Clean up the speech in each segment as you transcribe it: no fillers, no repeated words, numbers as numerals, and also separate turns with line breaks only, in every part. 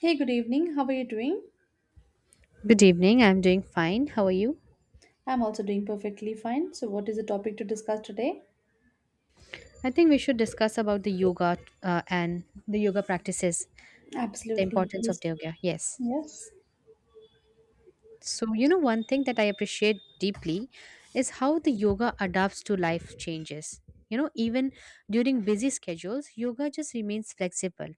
Hey, good evening. How are you doing?
Good evening. I'm doing fine. How are you?
I'm also doing perfectly fine. So, what is the topic to discuss today?
I think we should discuss about the yoga and the yoga practices, the
Absolutely.
importance of
Please.
the yoga. Yes.
Yes.
So, you know, one thing that I appreciate deeply is how the yoga adapts to life changes. You know, even during busy schedules, yoga just remains flexible.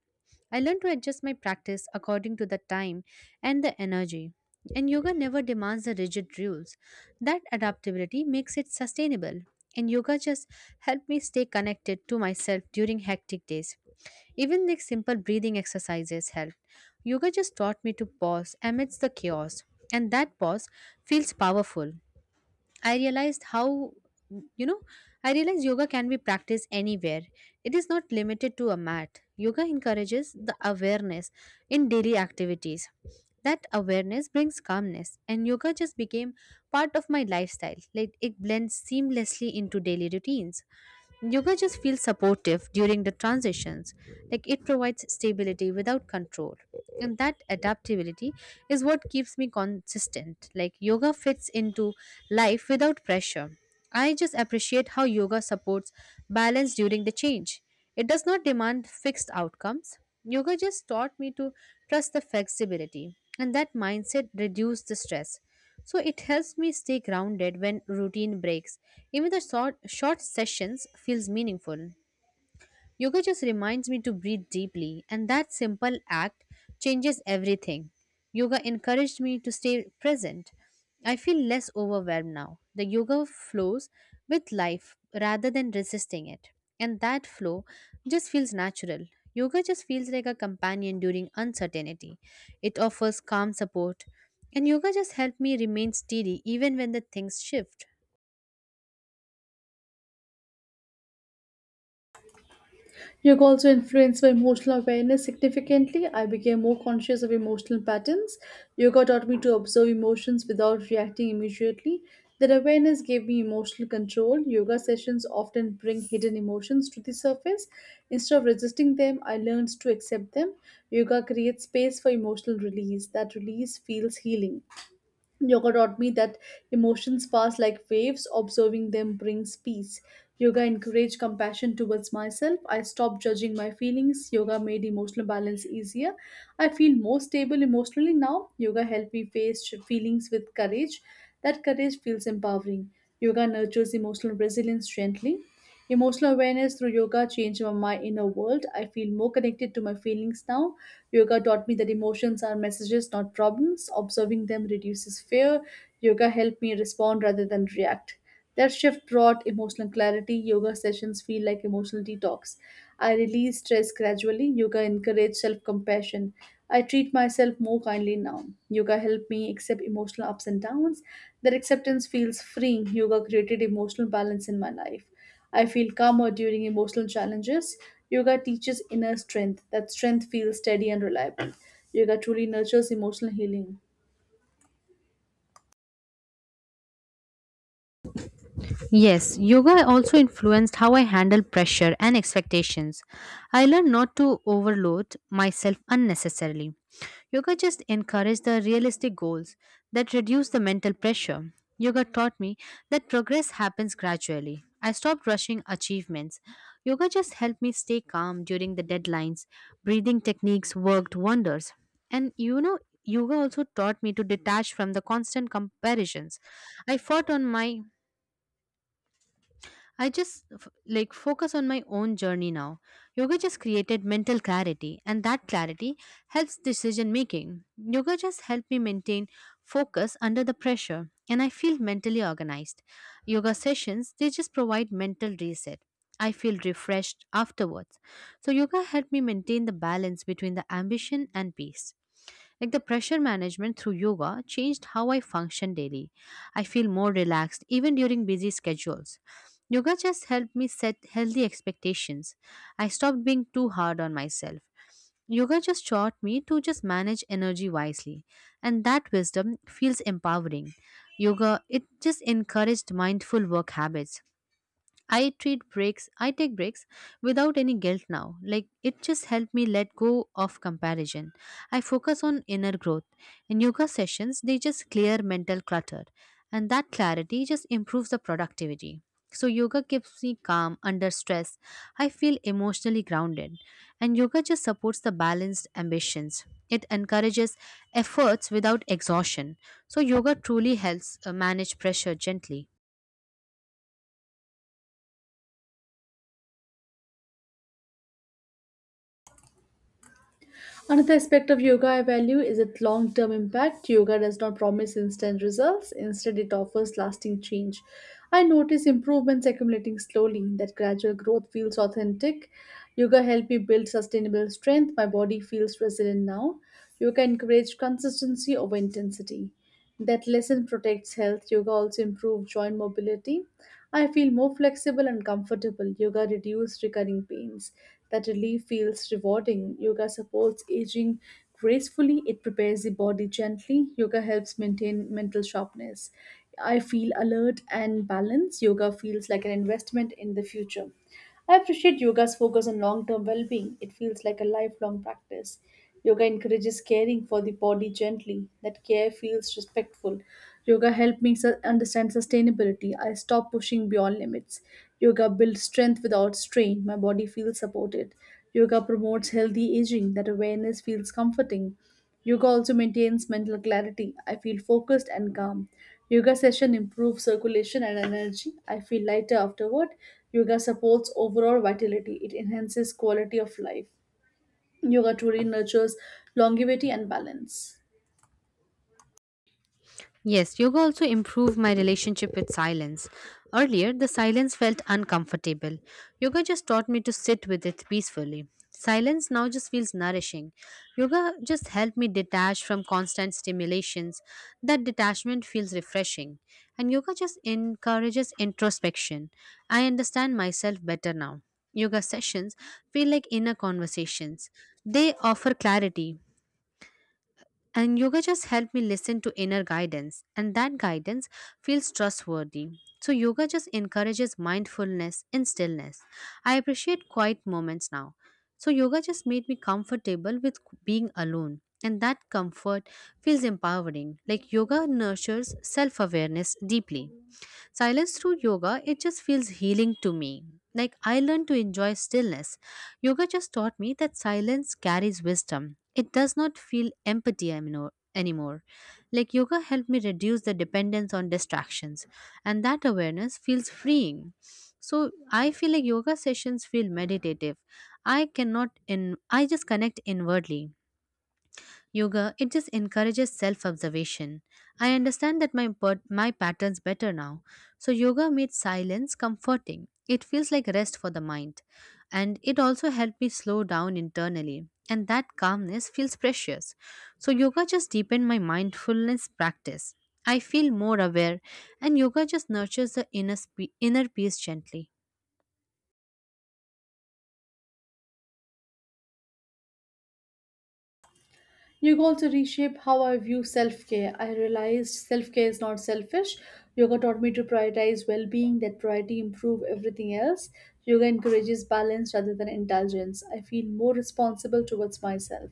I learn to adjust my practice according to the time and the energy. And yoga never demands the rigid rules. That adaptability makes it sustainable. And yoga just helped me stay connected to myself during hectic days. Even like simple breathing exercises help. Yoga just taught me to pause amidst the chaos, and that pause feels powerful. I realized how, you know, I realized yoga can be practiced anywhere. It is not limited to a mat. Yoga encourages the awareness in daily activities. That awareness brings calmness, and yoga just became part of my lifestyle. Like it blends seamlessly into daily routines. Yoga just feels supportive during the transitions, like it provides stability without control, and that adaptability is what keeps me consistent, like yoga fits into life without pressure. I just appreciate how yoga supports balance during the change. It does not demand fixed outcomes. Yoga just taught me to trust the flexibility, and that mindset reduced the stress. So it helps me stay grounded when routine breaks. Even the short sessions feels meaningful. Yoga just reminds me to breathe deeply, and that simple act changes everything. Yoga encouraged me to stay present. I feel less overwhelmed now. The yoga flows with life rather than resisting it, and that flow just feels natural. Yoga just feels like a companion during uncertainty. It offers calm support, and yoga just helped me remain steady even when the things shift.
Yoga also influenced my emotional awareness significantly. I became more conscious of emotional patterns. Yoga taught me to observe emotions without reacting immediately. That awareness gave me emotional control. Yoga sessions often bring hidden emotions to the surface. Instead of resisting them, I learned to accept them. Yoga creates space for emotional release. That release feels healing. Yoga taught me that emotions pass like waves, observing them brings peace. Yoga encouraged compassion towards myself. I stopped judging my feelings. Yoga made emotional balance easier. I feel more stable emotionally now. Yoga helped me face feelings with courage. That courage feels empowering. Yoga nurtures emotional resilience gently. Emotional awareness through yoga changed my inner world. I feel more connected to my feelings now. Yoga taught me that emotions are messages, not problems. Observing them reduces fear. Yoga helped me respond rather than react. That shift brought emotional clarity. Yoga sessions feel like emotional detox. I release stress gradually. Yoga encouraged self compassion. I treat myself more kindly now. Yoga helped me accept emotional ups and downs. That acceptance feels freeing. Yoga created emotional balance in my life. I feel calmer during emotional challenges. Yoga teaches inner strength. That strength feels steady and reliable. Yoga truly nurtures emotional healing.
Yes, yoga also influenced how I handle pressure and expectations. I learned not to overload myself unnecessarily. Yoga just encouraged the realistic goals that reduce the mental pressure. Yoga taught me that progress happens gradually. I stopped rushing achievements. Yoga just helped me stay calm during the deadlines. Breathing techniques worked wonders. And you know, yoga also taught me to detach from the constant comparisons. I fought on my I just like focus on my own journey now. Yoga just created mental clarity, and that clarity helps decision making. Yoga just helped me maintain focus under the pressure, and I feel mentally organized. Yoga sessions they just provide mental reset. I feel refreshed afterwards. So, yoga helped me maintain the balance between the ambition and peace. Like the pressure management through yoga changed how I function daily. I feel more relaxed even during busy schedules. Yoga just helped me set healthy expectations. I stopped being too hard on myself. Yoga just taught me to just manage energy wisely, and that wisdom feels empowering. Yoga, it just encouraged mindful work habits. I take breaks without any guilt now. Like it just helped me let go of comparison. I focus on inner growth. In yoga sessions, they just clear mental clutter, and that clarity just improves the productivity. So, yoga keeps me calm under stress. I feel emotionally grounded, and yoga just supports the balanced ambitions. It encourages efforts without exhaustion. So, yoga truly helps manage pressure gently.
Another aspect of yoga I value is its long term impact. Yoga does not promise instant results, instead, it offers lasting change. I notice improvements accumulating slowly, that gradual growth feels authentic. Yoga helped me build sustainable strength. My body feels resilient now. Yoga encouraged consistency over intensity. That lesson protects health. Yoga also improves joint mobility. I feel more flexible and comfortable. Yoga reduces recurring pains. That relief feels rewarding. Yoga supports aging gracefully. It prepares the body gently. Yoga helps maintain mental sharpness. I feel alert and balanced. Yoga feels like an investment in the future. I appreciate yoga's focus on long term well being. It feels like a lifelong practice. Yoga encourages caring for the body gently. That care feels respectful. Yoga helped me understand sustainability. I stopped pushing beyond limits. Yoga builds strength without strain. My body feels supported. Yoga promotes healthy aging. That awareness feels comforting. Yoga also maintains mental clarity. I feel focused and calm. Yoga session improves circulation and energy. I feel lighter afterward. Yoga supports overall vitality. It enhances quality of life. Yoga truly nurtures longevity and balance.
Yes, yoga also improved my relationship with silence. Earlier, the silence felt uncomfortable. Yoga just taught me to sit with it peacefully. Silence now just feels nourishing. Yoga just helped me detach from constant stimulations. That detachment feels refreshing. And yoga just encourages introspection. I understand myself better now. Yoga sessions feel like inner conversations. They offer clarity. And yoga just helped me listen to inner guidance, and that guidance feels trustworthy. So, yoga just encourages mindfulness in stillness. I appreciate quiet moments now. So, yoga just made me comfortable with being alone, and that comfort feels empowering. Like, yoga nurtures self awareness deeply. Silence through yoga, it just feels healing to me. Like I learned to enjoy stillness. Yoga just taught me that silence carries wisdom. It does not feel empty anymore. Like yoga helped me reduce the dependence on distractions, and that awareness feels freeing. So I feel like yoga sessions feel meditative. I cannot in I just connect inwardly. Yoga, it just encourages self observation. I understand that my patterns better now. So, yoga made silence comforting. It feels like rest for the mind. And it also helped me slow down internally. And that calmness feels precious. So, yoga just deepened my mindfulness practice. I feel more aware, and yoga just nurtures the inner peace gently.
Yoga also reshaped how I view self care. I realized self care is not selfish. Yoga taught me to prioritize well being, that priority improve everything else. Yoga encourages balance rather than indulgence. I feel more responsible towards myself.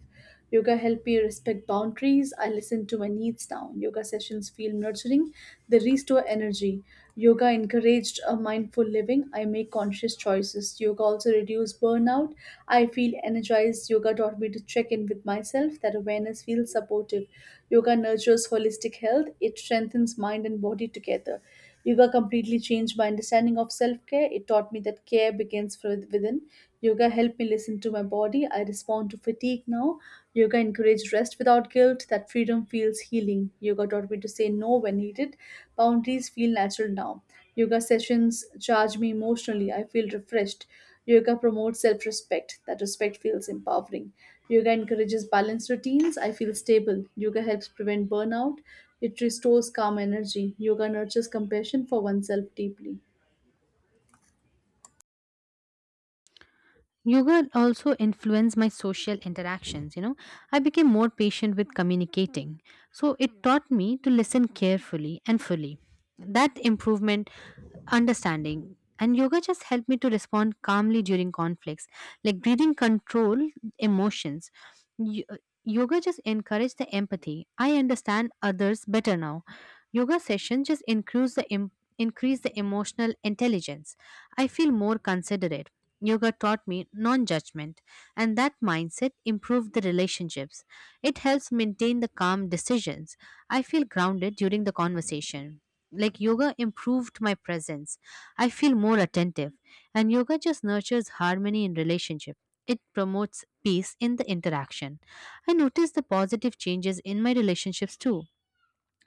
Yoga helped me respect boundaries. I listen to my needs now. Yoga sessions feel nurturing, they restore energy. Yoga encouraged mindful living. I make conscious choices. Yoga also reduces burnout. I feel energized. Yoga taught me to check in with myself. That awareness feels supportive. Yoga nurtures holistic health. It strengthens mind and body together. Yoga completely changed my understanding of self care. It taught me that care begins from within. Yoga helped me listen to my body. I respond to fatigue now. Yoga encouraged rest without guilt. That freedom feels healing. Yoga taught me to say no when needed. Boundaries feel natural now. Yoga sessions charge me emotionally. I feel refreshed. Yoga promotes self respect. That respect feels empowering. Yoga encourages balanced routines. I feel stable. Yoga helps prevent burnout. It restores calm energy. Yoga nurtures compassion for oneself deeply.
Yoga also influenced my social interactions. You know, I became more patient with communicating. So it taught me to listen carefully and fully. That improvement, understanding, and yoga just helped me to respond calmly during conflicts, like breathing control emotions. Yoga just encourages the empathy. I understand others better now. Yoga session just increase the em- increase the emotional intelligence. I feel more considerate. Yoga taught me non-judgment, and that mindset improved the relationships. It helps maintain the calm decisions. I feel grounded during the conversation. Like yoga improved my presence. I feel more attentive, and yoga just nurtures harmony in relationship. It promotes peace in the interaction. I noticed the positive changes in my relationships too.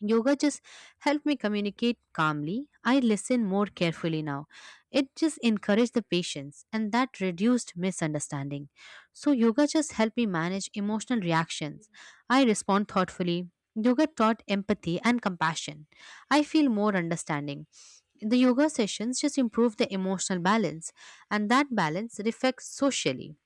Yoga just helped me communicate calmly. I listen more carefully now. It just encouraged the patience, and that reduced misunderstanding. So, yoga just helped me manage emotional reactions. I respond thoughtfully. Yoga taught empathy and compassion. I feel more understanding. The yoga sessions just improve the emotional balance, and that balance reflects socially.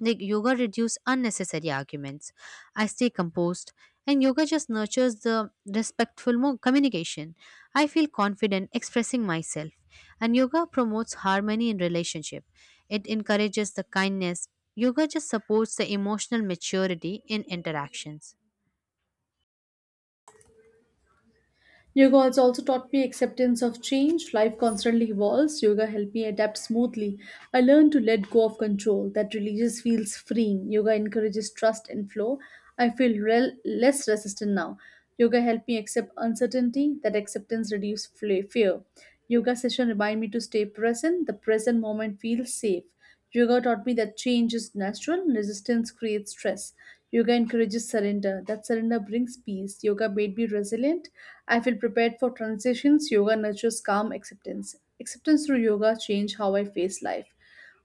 Like yoga reduces unnecessary arguments. I stay composed, and yoga just nurtures the communication. I feel confident expressing myself, and yoga promotes harmony in relationship. It encourages the kindness. Yoga just supports the emotional maturity in interactions.
Yoga has also taught me acceptance of change. Life constantly evolves. Yoga helped me adapt smoothly. I learned to let go of control. That releases feels freeing. Yoga encourages trust and flow. I feel less resistant now. Yoga helped me accept uncertainty. That acceptance reduces fear. Yoga session remind me to stay present. The present moment feels safe. Yoga taught me that change is natural, and resistance creates stress. Yoga encourages surrender. That surrender brings peace. Yoga made me resilient. I feel prepared for transitions. Yoga nurtures calm acceptance. Acceptance through yoga changed how I face life.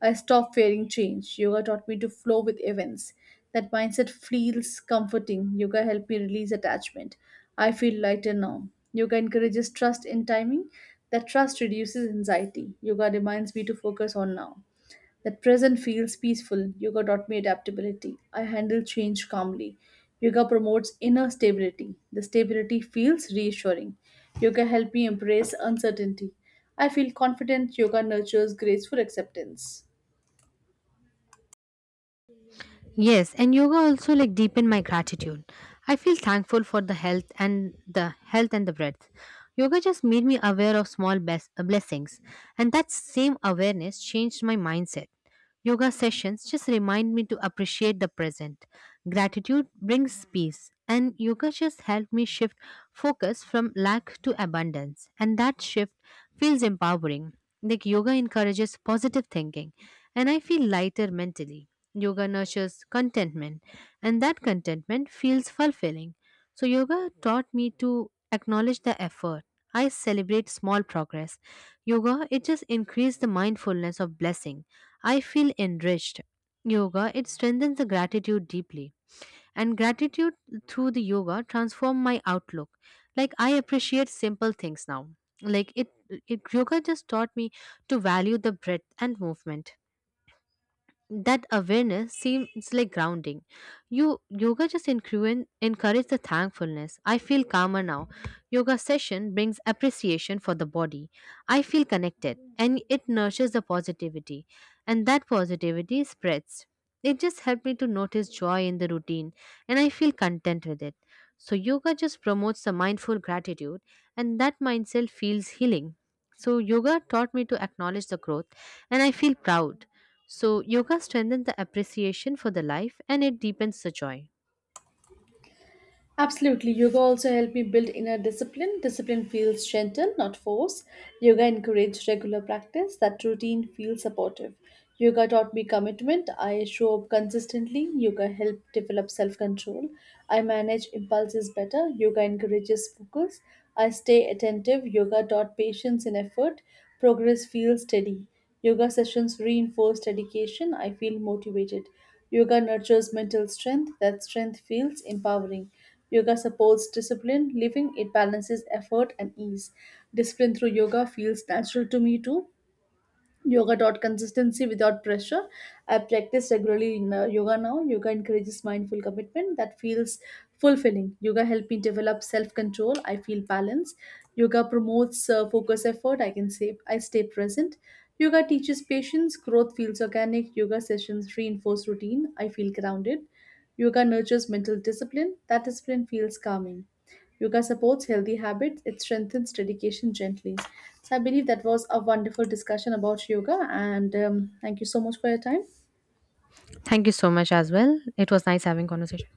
I stopped fearing change. Yoga taught me to flow with events. That mindset feels comforting. Yoga helped me release attachment. I feel lighter now. Yoga encourages trust in timing. That trust reduces anxiety. Yoga reminds me to focus on now. That present feels peaceful. Yoga taught me adaptability. I handle change calmly. Yoga promotes inner stability. The stability feels reassuring. Yoga helped me embrace uncertainty. I feel confident. Yoga nurtures graceful acceptance.
Yes, and yoga also like deepen my gratitude. I feel thankful for the health and the breadth. Yoga just made me aware of blessings, and that same awareness changed my mindset. Yoga sessions just remind me to appreciate the present. Gratitude brings peace, and yoga just helped me shift focus from lack to abundance, and that shift feels empowering. Like yoga encourages positive thinking, and I feel lighter mentally. Yoga nurtures contentment, and that contentment feels fulfilling. So, yoga taught me to acknowledge the effort. I celebrate small progress. Yoga, it just increased the mindfulness of blessings. I feel enriched. Yoga, it strengthens the gratitude deeply. And gratitude through the yoga transform my outlook. Like I appreciate simple things now. Like it, yoga just taught me to value the breath and movement. That awareness seems like grounding. You yoga just encourage the thankfulness. I feel calmer now. Yoga session brings appreciation for the body. I feel connected, and it nurtures the positivity, and that positivity spreads. It just helped me to notice joy in the routine, and I feel content with it. So yoga just promotes the mindful gratitude, and that mindset feels healing. So yoga taught me to acknowledge the growth, and I feel proud. So, yoga strengthens the appreciation for the life, and it deepens the joy.
Absolutely. Yoga also helped me build inner discipline. Discipline feels gentle, not forced. Yoga encouraged regular practice. That routine feels supportive. Yoga taught me commitment. I show up consistently. Yoga helped develop self control. I manage impulses better. Yoga encourages focus. I stay attentive. Yoga taught patience and effort. Progress feels steady. Yoga sessions reinforce dedication. I feel motivated. Yoga nurtures mental strength. That strength feels empowering. Yoga supports discipline, living, it balances effort and ease. Discipline through yoga feels natural to me too. Yoga taught consistency without pressure. I practice regularly in yoga now. Yoga encourages mindful commitment. That feels fulfilling. Yoga helped me develop self-control. I feel balance. Yoga promotes focus effort. I can say I stay present. Yoga teaches patience. Growth feels organic. Yoga sessions reinforce routine. I feel grounded. Yoga nurtures mental discipline. That discipline feels calming. Yoga supports healthy habits, it strengthens dedication gently. So, I believe that was a wonderful discussion about yoga, and thank you so much for your time.
Thank you so much as well. It was nice having conversation.